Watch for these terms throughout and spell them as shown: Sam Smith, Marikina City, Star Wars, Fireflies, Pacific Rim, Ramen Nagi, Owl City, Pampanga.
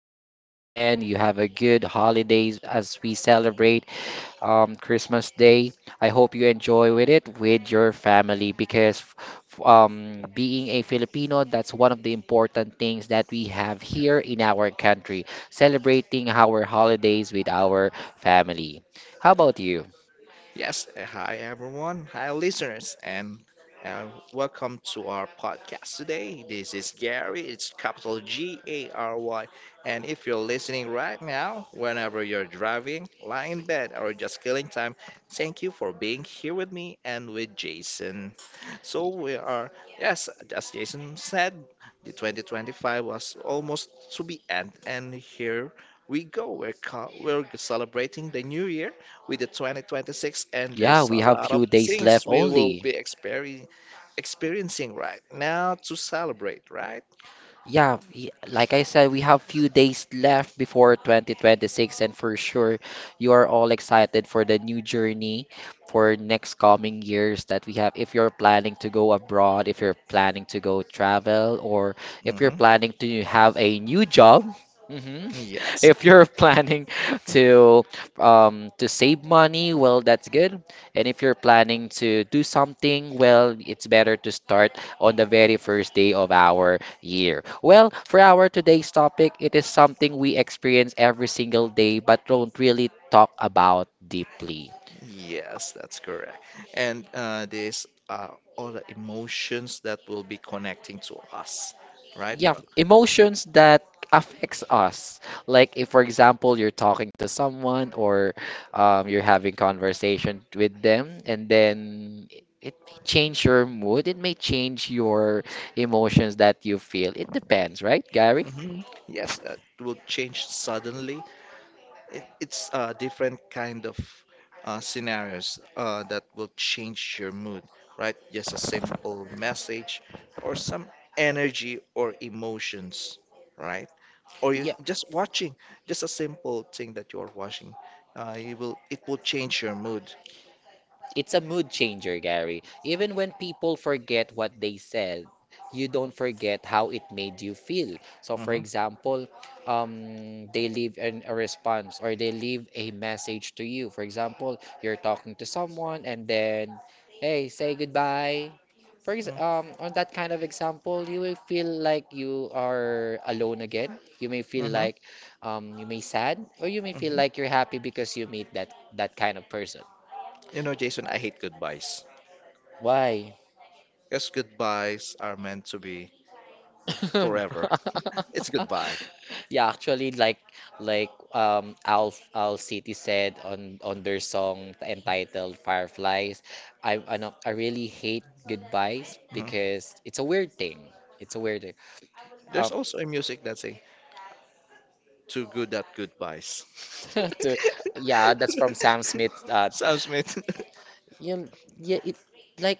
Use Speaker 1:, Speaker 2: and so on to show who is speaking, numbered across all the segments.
Speaker 1: good weekend. You have a good holidays as we celebrate Christmas Day. I hope you enjoy with it with your family because being a Filipino, that's one of the important things that we have here in our country, celebrating our holidays with our family. How about you?
Speaker 2: Yes, hi everyone, hi listeners, and uh, welcome to our podcast today. This is Gary, it's capital Gary. And if you're listening right now, whenever you're driving, lying in bed, or just killing time, thank you for being here with me and with Jason. So we are, yes, as Jason said, the 2025 was almost to be end, and here we go. We're celebrating the new year with the 2026, and
Speaker 1: Yeah,
Speaker 2: there's a
Speaker 1: we have
Speaker 2: lot of
Speaker 1: few days
Speaker 2: things
Speaker 1: left
Speaker 2: we will
Speaker 1: only.
Speaker 2: be experiencing right now to celebrate, right?
Speaker 1: Yeah, like I said, we have few days left before 2026, and for sure, you are all excited for the new journey for next coming years that we have. If you're planning to go abroad, if you're planning to go travel, or if you're
Speaker 2: hmm
Speaker 1: planning to have a new job, mhm.
Speaker 2: Yes,
Speaker 1: If you're planning to to save money, well, that's good. And if you're planning to do something, well, it's better to start on the very first day of our year. Well, for our today's topic, it is something we experience every single day but don't really talk about deeply.
Speaker 2: yes, that's correct. And these are all the emotions that will be connecting to us, right?
Speaker 1: Yeah, emotions that affects us. Like if for example you're talking to someone or you're having conversation with them and then it may change your mood, it may change your emotions that you feel. It depends, right, Gary?
Speaker 2: Mhm. Yes, it will change suddenly. It's different kind of scenarios that will change your mood, right? Just a simple message or some energy or emotions, right? Or you
Speaker 1: Yeah.
Speaker 2: just watching, just a simple thing that you're watching, you will it will change your mood.
Speaker 1: It's a mood changer, Gary. Even when people forget what they said, you don't forget how it made you feel. So, for
Speaker 2: hmm
Speaker 1: example, they leave a response or they leave a message to you. For example, you're talking to someone and then, hey, say goodbye.
Speaker 2: hmm
Speaker 1: On that kind of example, you will feel like you are alone again. You may feel
Speaker 2: hmm
Speaker 1: like you may sad, or you may feel like you're happy because you meet that kind of person.
Speaker 2: You know, Jason, I hate goodbyes
Speaker 1: Why?
Speaker 2: because goodbyes are meant to be forever. It's goodbye.
Speaker 1: Yeah, actually, like Owl City said on their song entitled Fireflies, I know, I really hate goodbyes
Speaker 2: Mhm.
Speaker 1: because it's a weird thing. It's a weird thing.
Speaker 2: There's
Speaker 1: Um,
Speaker 2: also a music that say "Too Good at Goodbyes."
Speaker 1: to, yeah, that's from Sam Smith.
Speaker 2: Sam Smith.
Speaker 1: You yeah, it like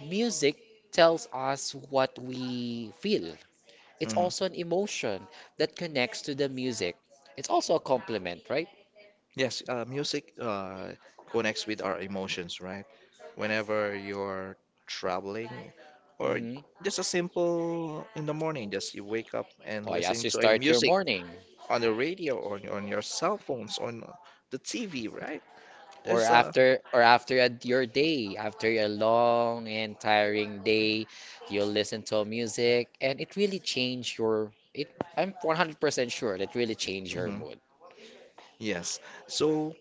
Speaker 1: music tells us what we feel. It's
Speaker 2: Mhm.
Speaker 1: also an emotion that connects to the music. It's also a compliment, right?
Speaker 2: Yes, music connects with our emotions, right? Whenever you're traveling, or
Speaker 1: Mm-hmm.
Speaker 2: just a simple in the morning, just you wake up and
Speaker 1: Why, as
Speaker 2: listen
Speaker 1: you
Speaker 2: to a
Speaker 1: start your
Speaker 2: music
Speaker 1: morning
Speaker 2: on the radio or on your cell phones, on the TV, right?
Speaker 1: or
Speaker 2: There's a
Speaker 1: after your day, after a long and tiring day, you'll listen to music and it really change your it I'm 100% sure it really change your
Speaker 2: Mhm.
Speaker 1: mood.
Speaker 2: Yes. So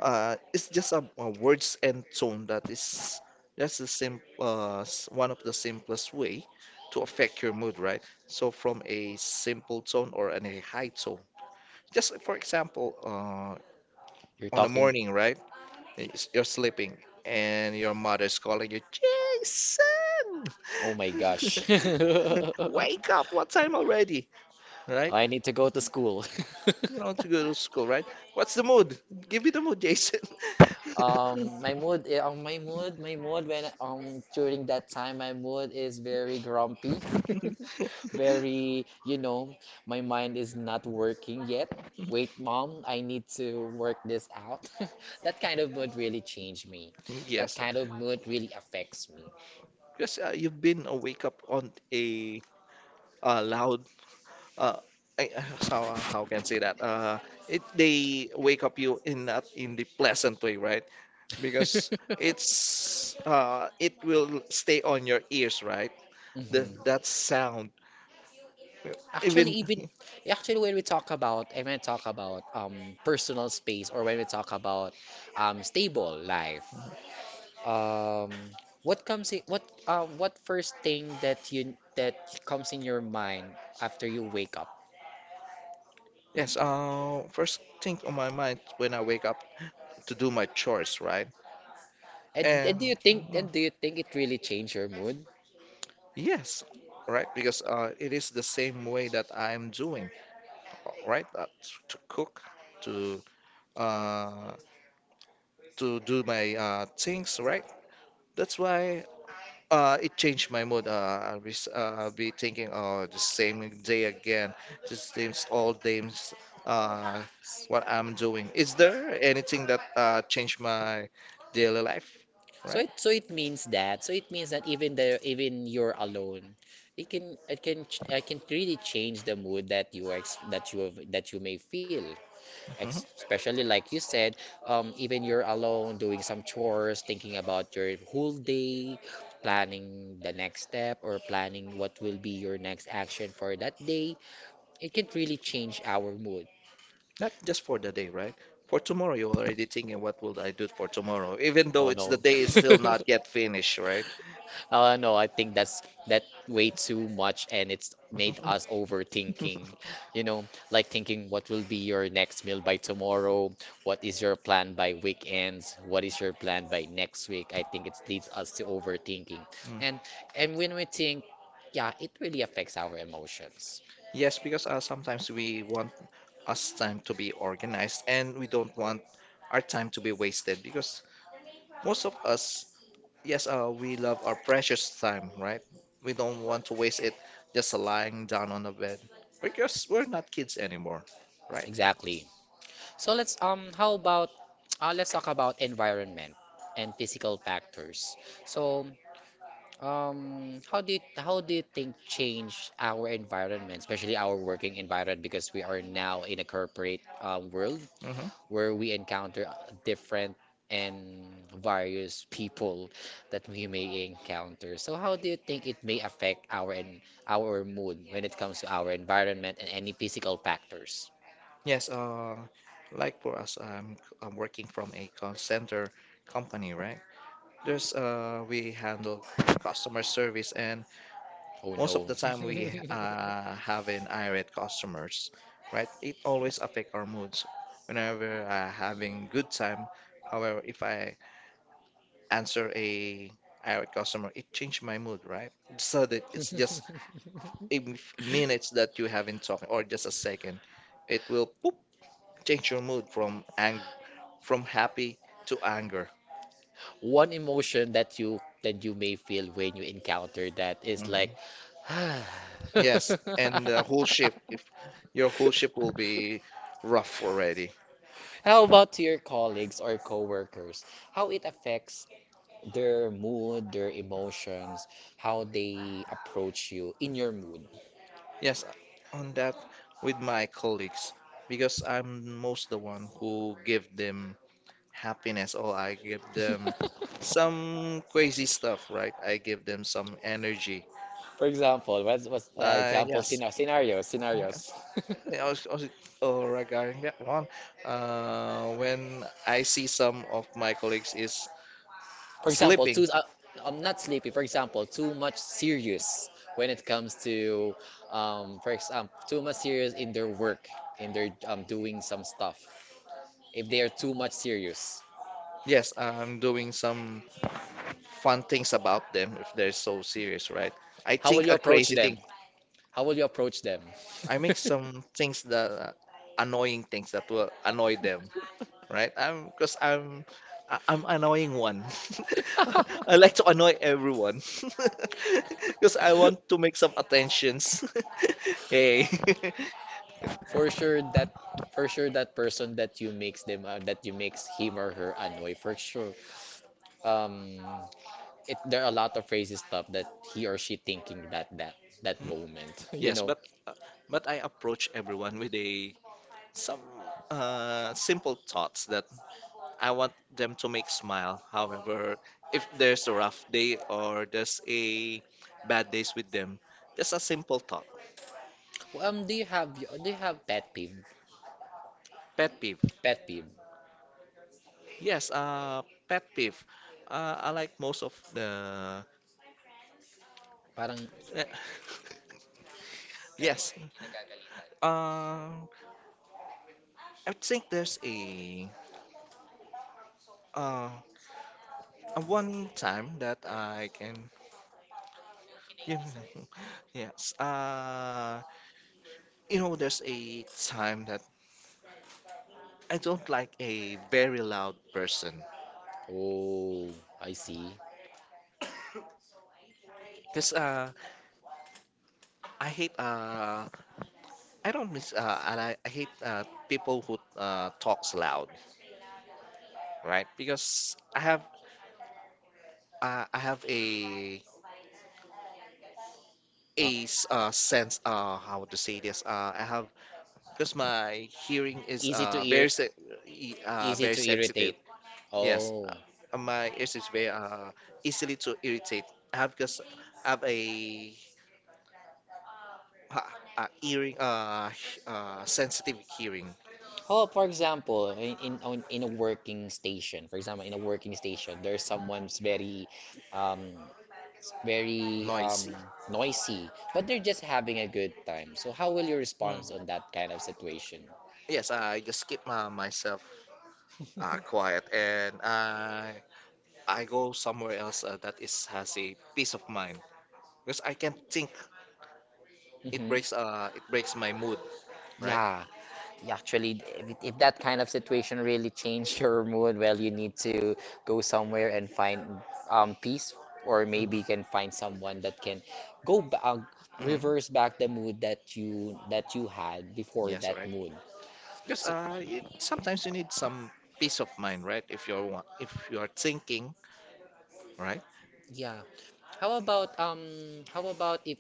Speaker 2: it's just a words and tone that's the same one of the simplest way to affect your mood, right? So from a simple tone or a high tone. Just for example,
Speaker 1: You're
Speaker 2: on the
Speaker 1: talking,
Speaker 2: morning, right? You're sleeping and your mother's calling you, Jason,
Speaker 1: "Oh my gosh.
Speaker 2: wake up! What time already? Right?
Speaker 1: I need to go to school."
Speaker 2: You know to go to school, right? What's the mood? Give me the mood, Jason.
Speaker 1: My mood when during that time, my mood is very grumpy, very, you know, my mind is not working yet. Wait, mom, I need to work this out. That kind of mood really changed me. That
Speaker 2: Yes,
Speaker 1: kind of mood really affects me.
Speaker 2: because you've been wake up on a loud. Uh, I, so How can I say that? It they wake up you in not in the pleasant way, right? Because it's it will stay on your ears, right? The
Speaker 1: Mhm.
Speaker 2: that sound.
Speaker 1: Actually,
Speaker 2: Even
Speaker 1: even actually when we talk about personal space or when we talk about stable life. Um, what comes in what first thing that you that comes in your mind after you wake up?
Speaker 2: yes. First thing on my mind when I wake up. To do my chores, right?
Speaker 1: And,
Speaker 2: And
Speaker 1: and do you think
Speaker 2: mm,
Speaker 1: it really changed your mood?
Speaker 2: yes, right, because it is the same way that I'm doing, right? To cook, to uh, to do my things, right? That's why it changed my mood. I'll be thinking, oh, the same day again, old days. Uh, what I'm doing. Is there anything that changed my daily life?
Speaker 1: So
Speaker 2: Right?
Speaker 1: it so it means that so it means that even the even you're alone, it can it can really change the mood that that you have, that you may feel. ex-
Speaker 2: Mm-hmm.
Speaker 1: especially like you said, even you're alone doing some chores, thinking about your whole day, planning the next step, or planning what will be your next action for that day, it can really change our mood.
Speaker 2: Not just for the day, right? For tomorrow, you're already thinking, what will I do for tomorrow? Even though
Speaker 1: Oh
Speaker 2: it's the
Speaker 1: no.
Speaker 2: day is still not yet finished, right?
Speaker 1: No, I think that's that way too much, and it's made us overthinking. You know, like thinking what will be your next meal by tomorrow, what is your plan by weekends, what is your plan by next week. I think it leads us to overthinking,
Speaker 2: Mm.
Speaker 1: and when we think, yeah, it really affects our emotions.
Speaker 2: Yes, because sometimes we want us time to be organized and we don't want our time to be wasted because most of us, yes, we love our precious time, right? We don't want to waste it just lying down on a bed because we're not kids anymore, right?
Speaker 1: Exactly. So let's talk about environment and physical factors. So how do you think change our environment, especially our working environment, because we are now in a corporate world
Speaker 2: Mm-hmm.
Speaker 1: where we encounter different and various people that we may encounter. So how do you think it may affect our mood when it comes to our environment and any physical factors?
Speaker 2: Yes, like for us, I'm working from a call center company, right? There's we handle customer service, and
Speaker 1: Oh
Speaker 2: most of
Speaker 1: no.
Speaker 2: the time we have an irate customers, right? It always affect our moods. Whenever having good time, however, if I answer a irate customer, it changed my mood, right? So that it's just minutes that you haven't talked, or just a second, it will. Change your mood from happy to anger.
Speaker 1: One emotion that you may feel when you encounter that is
Speaker 2: Mhm.
Speaker 1: like How
Speaker 2: Yes, and the whole ship, if your whole ship will be rough already.
Speaker 1: about to your colleagues or coworkers? How it affects their mood, their emotions, how they approach you in your mood.
Speaker 2: Yes, on that with my colleagues, because I'm most the one who give them happiness or I give them some crazy stuff, right? I give them some energy.
Speaker 1: For example, what's, what's uh,
Speaker 2: Uh,
Speaker 1: example
Speaker 2: yes,
Speaker 1: Scenar scenarios, scenarios.
Speaker 2: yes. I was regarding that one. When I see some of my colleagues is
Speaker 1: For example,
Speaker 2: sleeping,
Speaker 1: I'm not sleepy. For example, too much serious when it comes to, for example, too much serious in their work, in their doing some stuff. If they are too much serious,
Speaker 2: yes, I'm doing some fun things about them if they're so serious, right? I
Speaker 1: how will
Speaker 2: think
Speaker 1: you
Speaker 2: a
Speaker 1: approach
Speaker 2: crazy
Speaker 1: them?
Speaker 2: thing.
Speaker 1: How will you approach them?
Speaker 2: I make some things that annoying things that will annoy them, right? I'm I'm annoying one. I like to annoy everyone because I want to make some attentions. Hey.
Speaker 1: for sure that, for sure that person that that you makes him or her annoy. For sure, um, it there are a lot of crazy stuff that he or she thinking that that
Speaker 2: Mhm.
Speaker 1: moment, you
Speaker 2: Yes,
Speaker 1: know.
Speaker 2: uh, but I approach everyone with a some simple thoughts that I want them to make smile. However, if there's a rough day or there's a bad days with them, just a simple thought.
Speaker 1: Do you have pet peeve?
Speaker 2: Pet peeve.
Speaker 1: Pet peeve.
Speaker 2: Yes, pet peeve. I like most of the.
Speaker 1: Parang
Speaker 2: Eh, yes. Uh, I think there's uh, a one time that I can You yes. You know, there's a time that I don't like a very loud person.
Speaker 1: oh, I see.
Speaker 2: Because I hate I don't miss and I hate people who talks loud, right? Because I have a
Speaker 1: Uh,
Speaker 2: sense how to say this I have because my hearing is
Speaker 1: easy to ir easy
Speaker 2: very
Speaker 1: to
Speaker 2: sensitive.
Speaker 1: irritate.
Speaker 2: Yes,
Speaker 1: Oh.
Speaker 2: my ears is very easily to irritate. I have because I have a, uh, hearing sensitive hearing
Speaker 1: Oh, for example, in a working station, for example, in a working station, there's someone's very um very
Speaker 2: noisy.
Speaker 1: noisy, but they're just having a good time. So how will you
Speaker 2: Mm.
Speaker 1: respond on that kind of situation?
Speaker 2: Yes, I just keep myself quiet and I go somewhere else that is has a peace of mind because I can't think.
Speaker 1: Hmm.
Speaker 2: It breaks my mood, right?
Speaker 1: Yeah, yeah, actually, if that kind of situation really change your mood, well, you need to go somewhere and find peace, or maybe you can find someone that can go back,
Speaker 2: Mm-hmm.
Speaker 1: reverse back the mood that you had before
Speaker 2: Yes,
Speaker 1: that
Speaker 2: right.
Speaker 1: mood.
Speaker 2: Because
Speaker 1: So
Speaker 2: sometimes you need some peace of mind, right? If you are thinking, right?
Speaker 1: yeah, how about if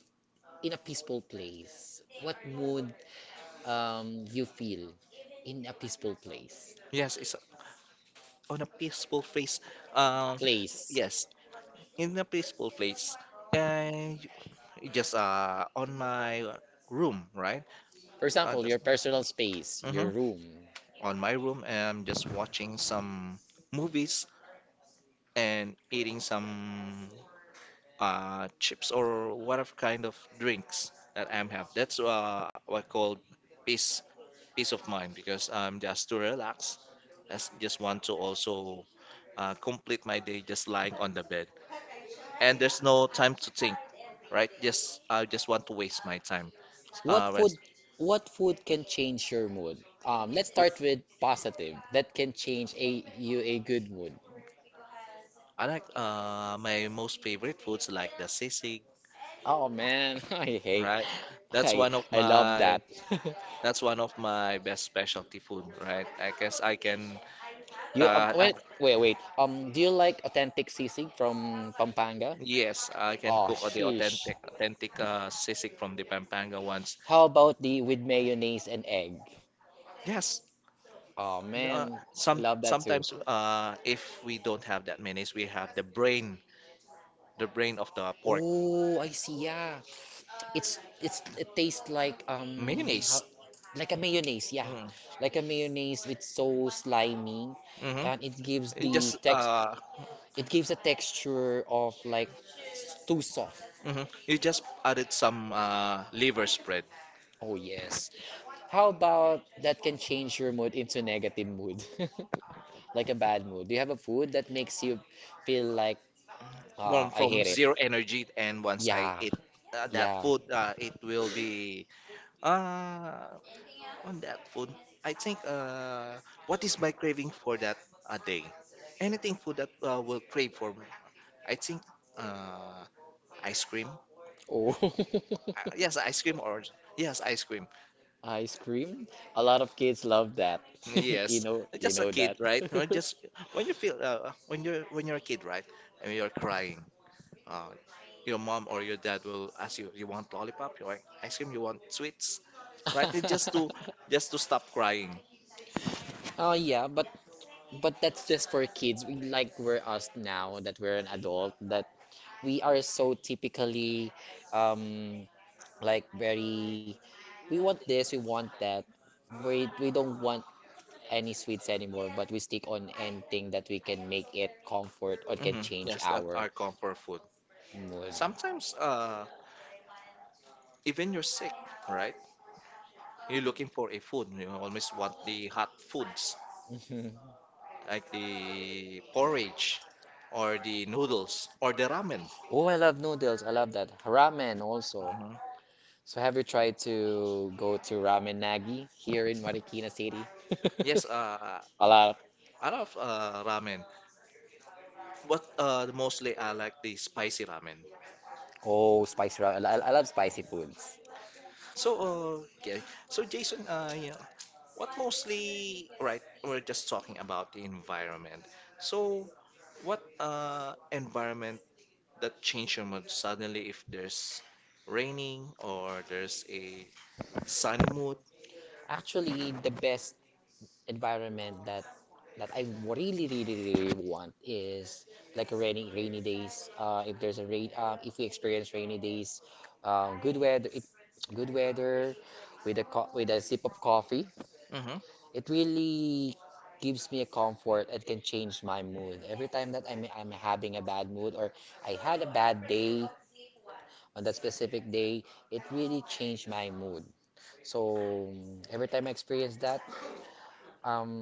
Speaker 1: in a peaceful place, what mood you feel in a peaceful place?
Speaker 2: Yes, it's on a peaceful place. Um,
Speaker 1: Place,
Speaker 2: yes, in a peaceful place. And just on my room, right?
Speaker 1: for example, your
Speaker 2: Just
Speaker 1: personal space, your
Speaker 2: mhm,
Speaker 1: room.
Speaker 2: on my room, and I'm just watching some movies and eating some chips or whatever kind of drinks that I'm have. That's what I call peace peace of mind because I'm just to relax. Just want to also complete my day just lying on the bed, and there's no time to think, right? Just I just want to waste my time.
Speaker 1: What food
Speaker 2: Whereas
Speaker 1: what food can change your mood? Let's start with positive. That can change a good mood.
Speaker 2: I like my most favorite foods like the sisig,
Speaker 1: Oh man, I hate.
Speaker 2: right? That's
Speaker 1: I
Speaker 2: one of
Speaker 1: I love that.
Speaker 2: my That's one of my best specialty food, right? I guess I can,
Speaker 1: You
Speaker 2: uh, I,
Speaker 1: wait wait. Do you like authentic sisig from Pampanga?
Speaker 2: yes, I can
Speaker 1: Oh
Speaker 2: cook the
Speaker 1: sheesh.
Speaker 2: authentic sisig from the Pampanga ones.
Speaker 1: How about the with mayonnaise and egg?
Speaker 2: Yes,
Speaker 1: Oh
Speaker 2: uh,
Speaker 1: man, I love that too.
Speaker 2: sometimes if we don't have that mayonnaise, we have the brain of the pork
Speaker 1: Oh, I see. Yeah. It's it tastes like how,
Speaker 2: mayonnaise.
Speaker 1: like a mayonnaise, yeah,
Speaker 2: Mm-hmm.
Speaker 1: like a mayonnaise with so slimy,
Speaker 2: Mm-hmm.
Speaker 1: and
Speaker 2: You just
Speaker 1: it gives a texture of like too soft.
Speaker 2: mhm. You just added some liver spread
Speaker 1: Oh yes. How about that can change your mood into negative mood, like a bad mood? Do you have a food that makes you feel like I hate
Speaker 2: from
Speaker 1: it?
Speaker 2: zero energy, and once I
Speaker 1: Yeah,
Speaker 2: eat that
Speaker 1: yeah.
Speaker 2: food, it will be. Uh, On that food, I think what is my craving for that a day? Anything food that will crave for me. I think uh, ice cream.
Speaker 1: Oh,
Speaker 2: Yes, ice cream or yes, ice cream.
Speaker 1: ice cream. A lot of kids love that.
Speaker 2: Yes,
Speaker 1: You
Speaker 2: just a
Speaker 1: know that.
Speaker 2: kid, right? Or just when you feel when you're a kid, right? And you're crying, uh, your mom or your dad will ask you, "You want lollipop? You want ice cream? You want sweets?" Right? And just to stop crying.
Speaker 1: Oh yeah, but that's just for kids. We like we're us now that we're an adult that we are so typically um like very we want this, we want that. We don't want any sweets anymore, but we stick on anything that we can make it comfort or can change
Speaker 2: Yes, that
Speaker 1: our
Speaker 2: are comfort food.
Speaker 1: mood.
Speaker 2: Sometimes even you're sick, right? You're looking for a food. You always want the hot foods
Speaker 1: Mhm.
Speaker 2: like the porridge or the noodles or the ramen.
Speaker 1: Oh, I love noodles. I love that. Ramen also.
Speaker 2: Mhm.
Speaker 1: So have you tried to go to Ramen Nagi here in Marikina City?
Speaker 2: Yes,
Speaker 1: A lot.
Speaker 2: I love ramen, but mostly I like the spicy ramen.
Speaker 1: Oh, spicy ramen. I love spicy foods.
Speaker 2: So, okay. So, Jason, you know, what mostly, right, we're just talking about the environment. So, what environment that change your mood suddenly if there's raining or there's a sunny mood.
Speaker 1: Actually, the best environment that I really, really, really want is like a rainy, rainy days. If there's a rain, if we experience rainy days, um, good weather, it, good weather, with a co with a sip of coffee.
Speaker 2: hmm
Speaker 1: It really gives me a comfort and can change my mood. Every time that I'm having a bad mood or I had a bad day on that specific day, it really changed my mood. So every time I experience that, um,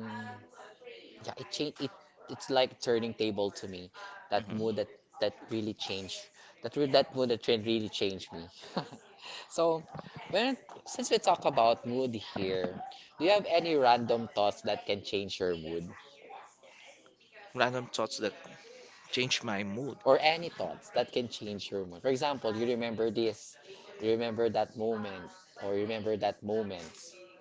Speaker 1: yeah, it change it. It's like turning table to me. That mood
Speaker 2: hmm
Speaker 1: that really changed. That mood that trend really changed me. So when since we talk about mood here, do you have any random thoughts that can change your mood?
Speaker 2: Random thoughts that change my mood.
Speaker 1: Or any thoughts that can change your mood. For example, you remember this, you remember that moment, or you remember that moment.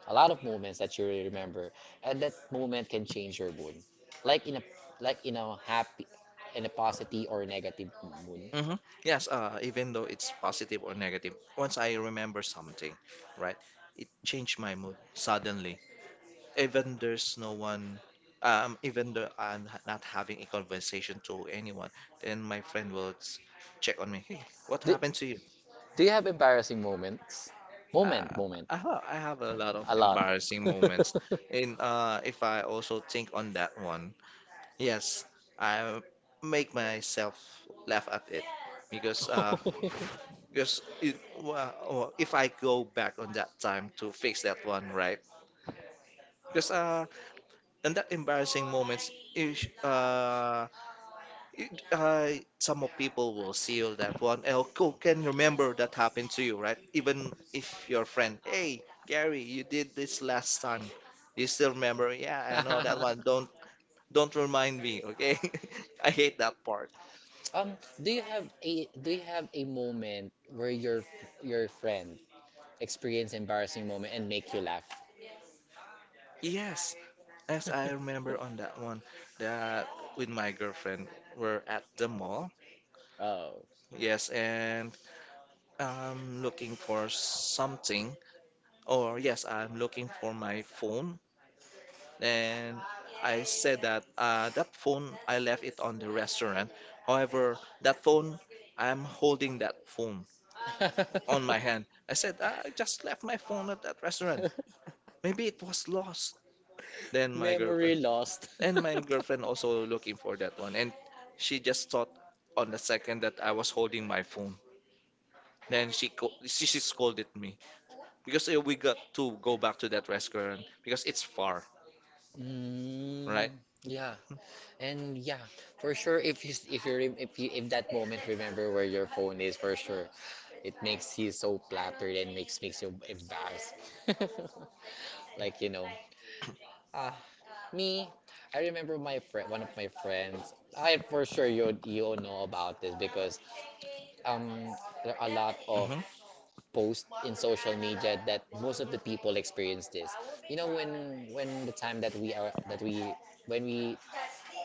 Speaker 1: A lot of moments that you really remember, and that moment can change your mood. Like in a like in a happy, in a positive or negative mood.
Speaker 2: hmm Yes, even though it's positive or negative, once I remember something, right, it changed my mood suddenly. Even there's no one, even though I'm not having a conversation to anyone, then my friend will check on me. Hey, what
Speaker 1: Do,
Speaker 2: happened to you?
Speaker 1: do you have embarrassing moments?
Speaker 2: I
Speaker 1: Moment, moment.
Speaker 2: I have a lot of
Speaker 1: A lot.
Speaker 2: embarrassing moments. And if I also think on that one, yes, I make myself laugh at it because well, well, if I go back on that time to fix that one, right? Because in that embarrassing moments, if, I some of people will seal that one. Oh, cool, can remember that happened to you, right? Even if your friend, hey, Gary, you did this last time. You still remember? Yeah, I know that one. Don't remind me, okay? I hate that part.
Speaker 1: Um, do you have a do you have a moment where your friend experienced embarrassing moment and make you laugh?
Speaker 2: Yes, yes, I remember on that one that with my girlfriend we're at the mall.
Speaker 1: Oh.
Speaker 2: Yes, and I'm looking for something, or yes, I'm looking for my phone and I said that that phone I left it on the restaurant. However, that phone I'm holding that phone on my hand. I said I just left my phone at that restaurant. Maybe it was lost. Then my
Speaker 1: Memory
Speaker 2: girlfriend
Speaker 1: lost.
Speaker 2: and my girlfriend also looking for that one, and she just thought on the second that I was holding my phone. Then she scolded me because we got to go back to that restaurant because it's far,
Speaker 1: Mm,
Speaker 2: right?
Speaker 1: yeah, and yeah, for sure. If you rem- if you if that moment remember where your phone is, for sure, it makes you so flattered and makes you embarrassed. Like you know, ah, Me, I remember my friend, one of my friends. I for sure you know about this because um there are a lot of
Speaker 2: Mm-hmm.
Speaker 1: posts in social media that most of the people experience this. You know when the time that we are that we when we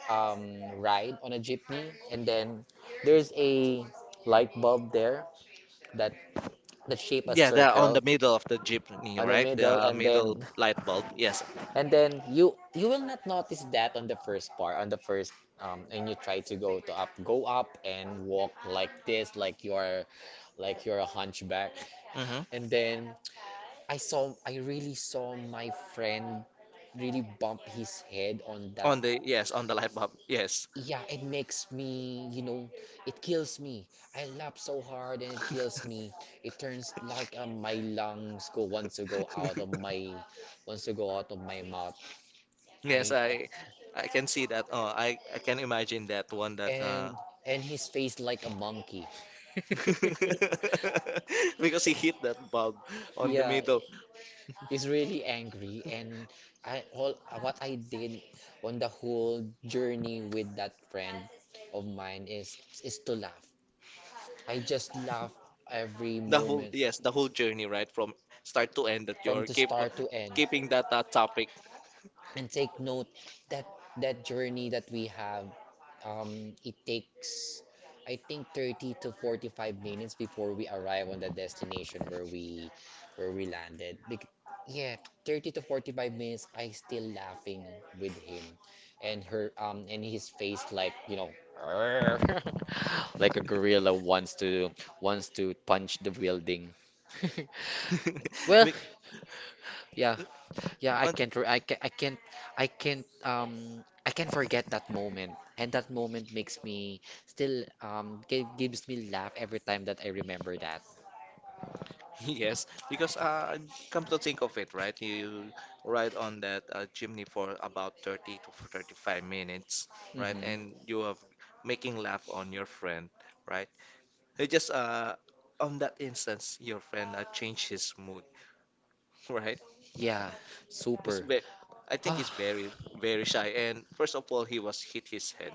Speaker 1: um ride on a jeepney, and then there's a light bulb there that that shape a
Speaker 2: Yeah, they're on
Speaker 1: circle
Speaker 2: the middle of the
Speaker 1: on
Speaker 2: jeepney,
Speaker 1: the
Speaker 2: right?
Speaker 1: middle.
Speaker 2: The
Speaker 1: and then
Speaker 2: middle light bulb. Yes.
Speaker 1: And then you will not notice that on the first part, on the first and you try to go to up, go up and walk like this, like you are like you're a hunchback.
Speaker 2: Hmm.
Speaker 1: And then I really saw my friend really bump his head on that.
Speaker 2: On the, yes, on the light bulb. Yes.
Speaker 1: Yeah, it makes me, you know, it kills me. I laugh so hard and it kills me. It turns like my lungs go wants to go out of my mouth. I
Speaker 2: Yes, I can see that. Oh, I can imagine that one that
Speaker 1: and and his face like a monkey.
Speaker 2: because he hit that bulb on the
Speaker 1: Yeah,
Speaker 2: middle.
Speaker 1: he's really angry, and I all what I did on the whole journey with that friend of mine is to laugh. I just laugh every
Speaker 2: The
Speaker 1: moment
Speaker 2: whole, yes, the whole journey, right? From start to end that
Speaker 1: from the
Speaker 2: you're
Speaker 1: start to end.
Speaker 2: keeping that topic.
Speaker 1: And take note that that journey that we have it takes, I think, 30 to 45 minutes before we arrive on the destination where we landed. Yeah 30 to 45 minutes I still laughing with him and his face, like, you know, like a gorilla wants to punch the building. well
Speaker 2: Be-
Speaker 1: yeah. yeah, I
Speaker 2: on-
Speaker 1: can't. Re- I can. I can't. I can't. I can't forget that moment, and that moment makes me still gives me laugh every time that I remember that.
Speaker 2: Yes, because come to think of it, right? You ride on that chimney for about 30 to 35 minutes, right?
Speaker 1: Mm-hmm.
Speaker 2: And you have making laugh on your friend, right? He just on that instance, your friend changed his mood, right?
Speaker 1: Yeah, super.
Speaker 2: It's ve- I think
Speaker 1: Ah.
Speaker 2: he's very, very shy. And first of all, he was hit his head.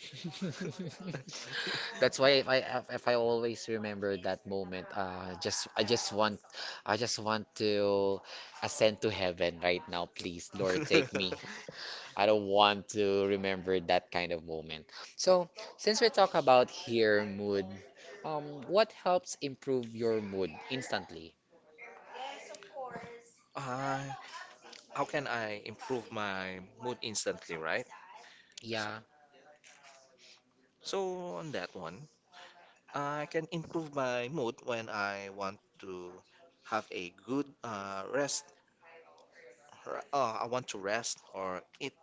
Speaker 1: That's why if I always remember that moment, just I just want to ascend to heaven right now. Please, Lord, take me. I don't want to remember that kind of moment. So, since we talk about here mood, what helps improve your mood instantly?
Speaker 2: uh, how can I improve my mood instantly, right?
Speaker 1: Yeah,
Speaker 2: So on that one. I can improve my mood when I want to have a good rest. I want to rest or eat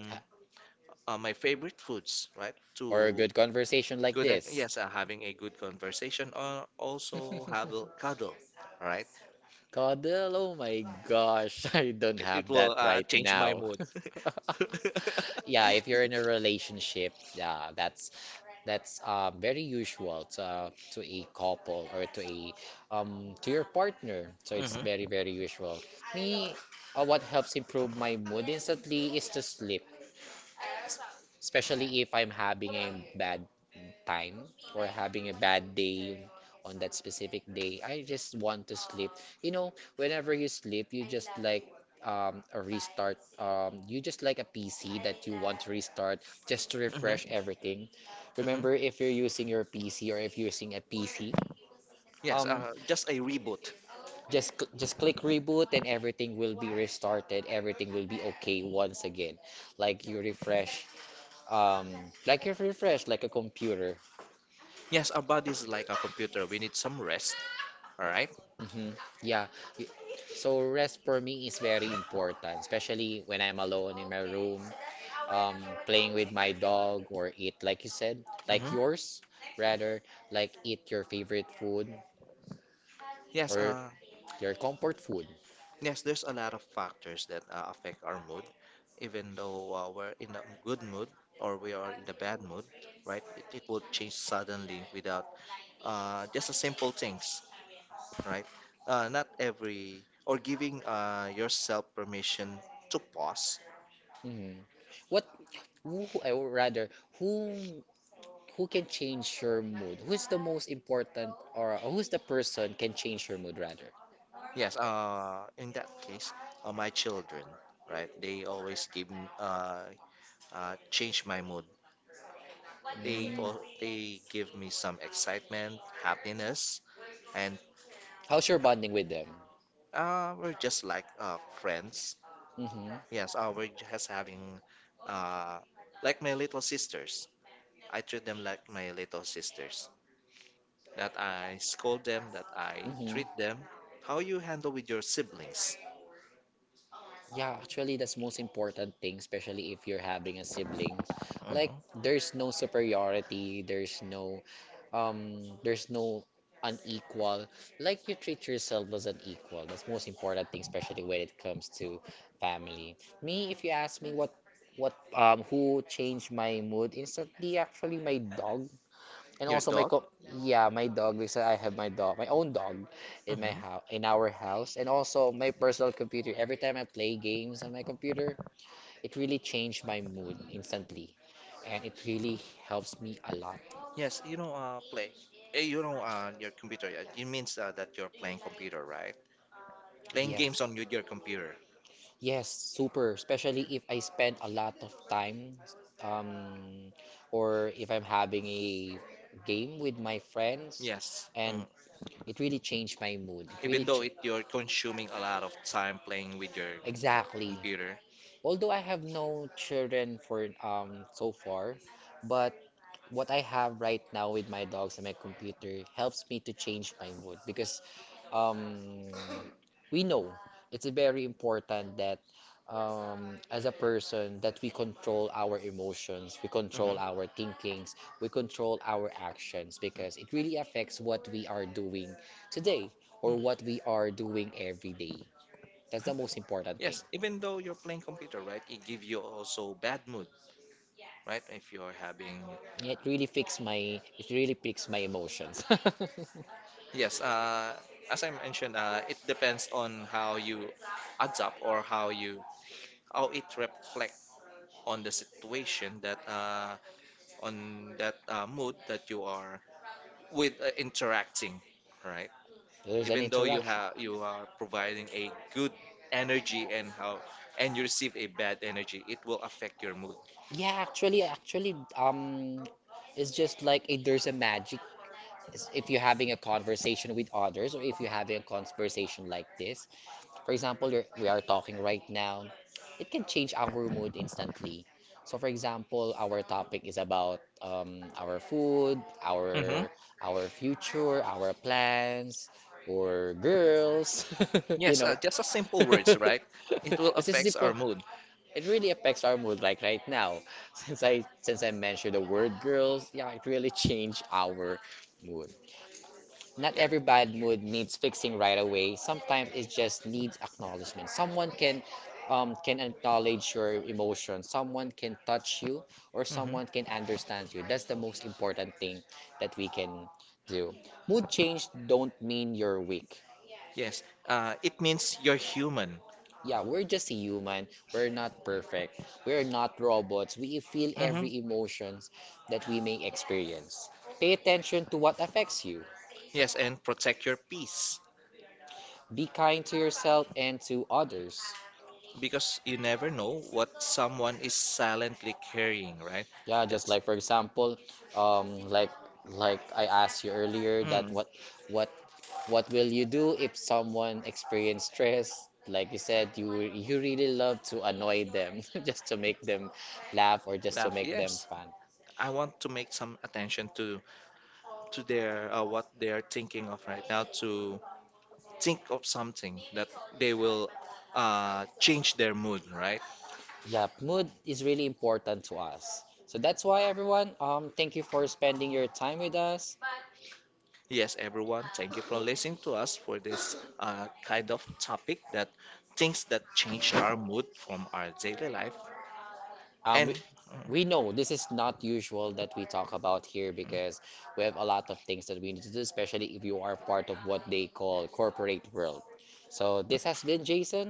Speaker 1: ha-
Speaker 2: my favorite foods, right? To
Speaker 1: or a good conversation like
Speaker 2: Good,
Speaker 1: this.
Speaker 2: yes, having a good conversation or also have a cuddle, right?
Speaker 1: Cuddle, oh my gosh. I don't
Speaker 2: It,
Speaker 1: have
Speaker 2: it
Speaker 1: that
Speaker 2: will
Speaker 1: right
Speaker 2: change my
Speaker 1: now.
Speaker 2: mood.
Speaker 1: Yeah, if you're in a relationship, yeah, that's very usual to a couple or to a to your partner. So it's
Speaker 2: Hmm.
Speaker 1: very, very usual. Me, what helps improve my mood instantly is to sleep, especially if I'm having a bad time or having a bad day on that specific day. I just want to sleep. You know, whenever you sleep, you just like a restart. You just like a PC that you want to restart just to refresh
Speaker 2: Hmm.
Speaker 1: everything.
Speaker 2: Hmm.
Speaker 1: Remember, if you're using your PC or if you're using a PC,
Speaker 2: Yes,
Speaker 1: um,
Speaker 2: just a reboot.
Speaker 1: just click reboot, and everything will be restarted. Everything will be okay once again. Like you refresh, um, like you refresh like a computer.
Speaker 2: Yes, our body is like a computer. We need some rest. All right.
Speaker 1: Hmm. Yeah. Y- So rest for me is very important, especially when I'm alone in my room, um, playing with my dog or eat, like you said, like
Speaker 2: Mm-hmm.
Speaker 1: yours, rather, like eat your favorite food
Speaker 2: Yes.
Speaker 1: or your comfort food.
Speaker 2: Yes. There's a lot of factors that affect our mood. Even though we're in a good mood or we are in the bad mood, right? It will change suddenly without just a simple things, right? Not every or giving yourself permission to pause.
Speaker 1: Hmm. What, I would rather, who, who can change your mood? Who's the most important, or who's the person can change your mood, rather?
Speaker 2: Yes. In that case, my children, right? They always give me, change my mood. They
Speaker 1: Mm.
Speaker 2: all they give me some excitement, happiness, and
Speaker 1: How's your bonding with them?
Speaker 2: we're just like friends.
Speaker 1: Mm-hmm.
Speaker 2: Yes, we're just having uh, like my little sisters. I treat them like my little sisters. That I scold them, that I
Speaker 1: Mm-hmm.
Speaker 2: treat them. How you handle with your siblings?
Speaker 1: Yeah, actually, that's most important thing, especially if you're having a sibling. Like,
Speaker 2: Mhm.
Speaker 1: there's no superiority, there's no unequal. Like, you treat yourself as an equal. That's most important thing, especially when it comes to family. Me, if you ask me what who changed my mood instantly, actually my dog. And
Speaker 2: Your
Speaker 1: also my
Speaker 2: dog?
Speaker 1: co yeah, my dog, because I have my dog, my own dog in my
Speaker 2: Hmm.
Speaker 1: house in our house, and also my personal computer. Every time I play games on my computer, it really changed my mood instantly, and it really helps me a lot.
Speaker 2: Yes, you know, play. Eh, you know, your computer. It means that you're playing computer, right? Playing
Speaker 1: Yes.
Speaker 2: games on your computer.
Speaker 1: Yes, super. Especially if I spend a lot of time, um, or if I'm having a game with my friends,
Speaker 2: Yes.
Speaker 1: and
Speaker 2: Mm-hmm.
Speaker 1: it really changed my mood.
Speaker 2: Even though it you're consuming a lot of time playing with your
Speaker 1: Exactly.
Speaker 2: computer.
Speaker 1: Although I have no children for so far, but what I have right now with my dogs and my computer helps me to change my mood, because um, we know it's very important that, as a person, that we control our emotions, we control
Speaker 2: Mhm.
Speaker 1: our thinkings, we control our actions, because it really affects what we are doing today or
Speaker 2: Mm.
Speaker 1: what we are doing every day. That's the most important thing.
Speaker 2: Yes, even though you're playing computer, right? It give you also bad mood, right? If you're having,
Speaker 1: It really fixed my it really fixed my emotions.
Speaker 2: yes, as I mentioned, it depends on how you adapt or how you how it reflect on the situation that on that mood that you are with interacting, right?
Speaker 1: There's an
Speaker 2: Even though
Speaker 1: interaction.
Speaker 2: you are providing a good energy and how and you receive a bad energy, it will affect your mood.
Speaker 1: Yeah, actually, actually, um, it's just there's a magic. If you're having a conversation with others, or if you're having a conversation like this, for example, we are talking right now, it can change our mood instantly. So, for example, our topic is about, our food,
Speaker 2: Hmm.
Speaker 1: our future, our plans, or girls, you
Speaker 2: Yes,
Speaker 1: know.
Speaker 2: just a simple words, right? It will
Speaker 1: It's just
Speaker 2: affect
Speaker 1: simple.
Speaker 2: our mood.
Speaker 1: It really affects our mood, like right now. Since I mentioned the word girls, yeah, it really changed our mood. Not
Speaker 2: Yeah.
Speaker 1: every bad mood needs fixing right away. Sometimes it just needs acknowledgement. Someone can acknowledge your emotion. Someone can touch you, or someone
Speaker 2: Mhm.
Speaker 1: can understand you. That's the most important thing that we can do. Mood change don't mean you're weak.
Speaker 2: Yes, it means you're human.
Speaker 1: Yeah, we're just a human. We're not perfect. We're not robots. We feel
Speaker 2: Hmm.
Speaker 1: every emotions that we may experience. Pay attention to what affects you.
Speaker 2: Yes, and protect your peace
Speaker 1: Be kind to yourself and to others.
Speaker 2: because you never know what someone is silently carrying, right?
Speaker 1: Yeah, just like
Speaker 2: That's,
Speaker 1: for example, um, like like I asked you earlier, that
Speaker 2: mm,
Speaker 1: what what will you do if someone experience stress? Like you said, you really love to annoy them just to make them laugh or just to
Speaker 2: laugh,
Speaker 1: make them
Speaker 2: yes.
Speaker 1: fun.
Speaker 2: I want to make some attention to their what they are thinking of right now, to think of something that they will change their mood, right?
Speaker 1: Yeah, mood is really important to us. So that's why, everyone, thank you for spending your time with us.
Speaker 2: Yes, everyone, thank you for listening to us for this kind of topic, that things that change our mood from our daily life.
Speaker 1: Um,
Speaker 2: And
Speaker 1: We know this is not usual that we talk about here, because we have a lot of things that we need to do, especially if you are part of what they call corporate world. So, this has been Jason.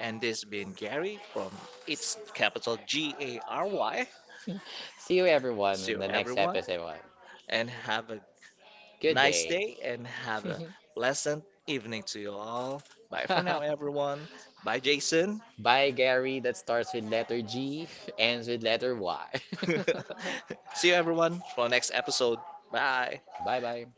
Speaker 2: and this been Gary, from its capital Gary.
Speaker 1: See you, everyone, in
Speaker 2: See
Speaker 1: the
Speaker 2: you
Speaker 1: next
Speaker 2: everyone,
Speaker 1: episode.
Speaker 2: and have a
Speaker 1: Good
Speaker 2: nice
Speaker 1: day.
Speaker 2: day and have a pleasant evening to you all. Bye for now, everyone. Bye, Jason.
Speaker 1: Bye, Gary. That starts with letter G, ends with letter Y.
Speaker 2: See you, everyone, for our next episode. Bye.
Speaker 1: Bye bye.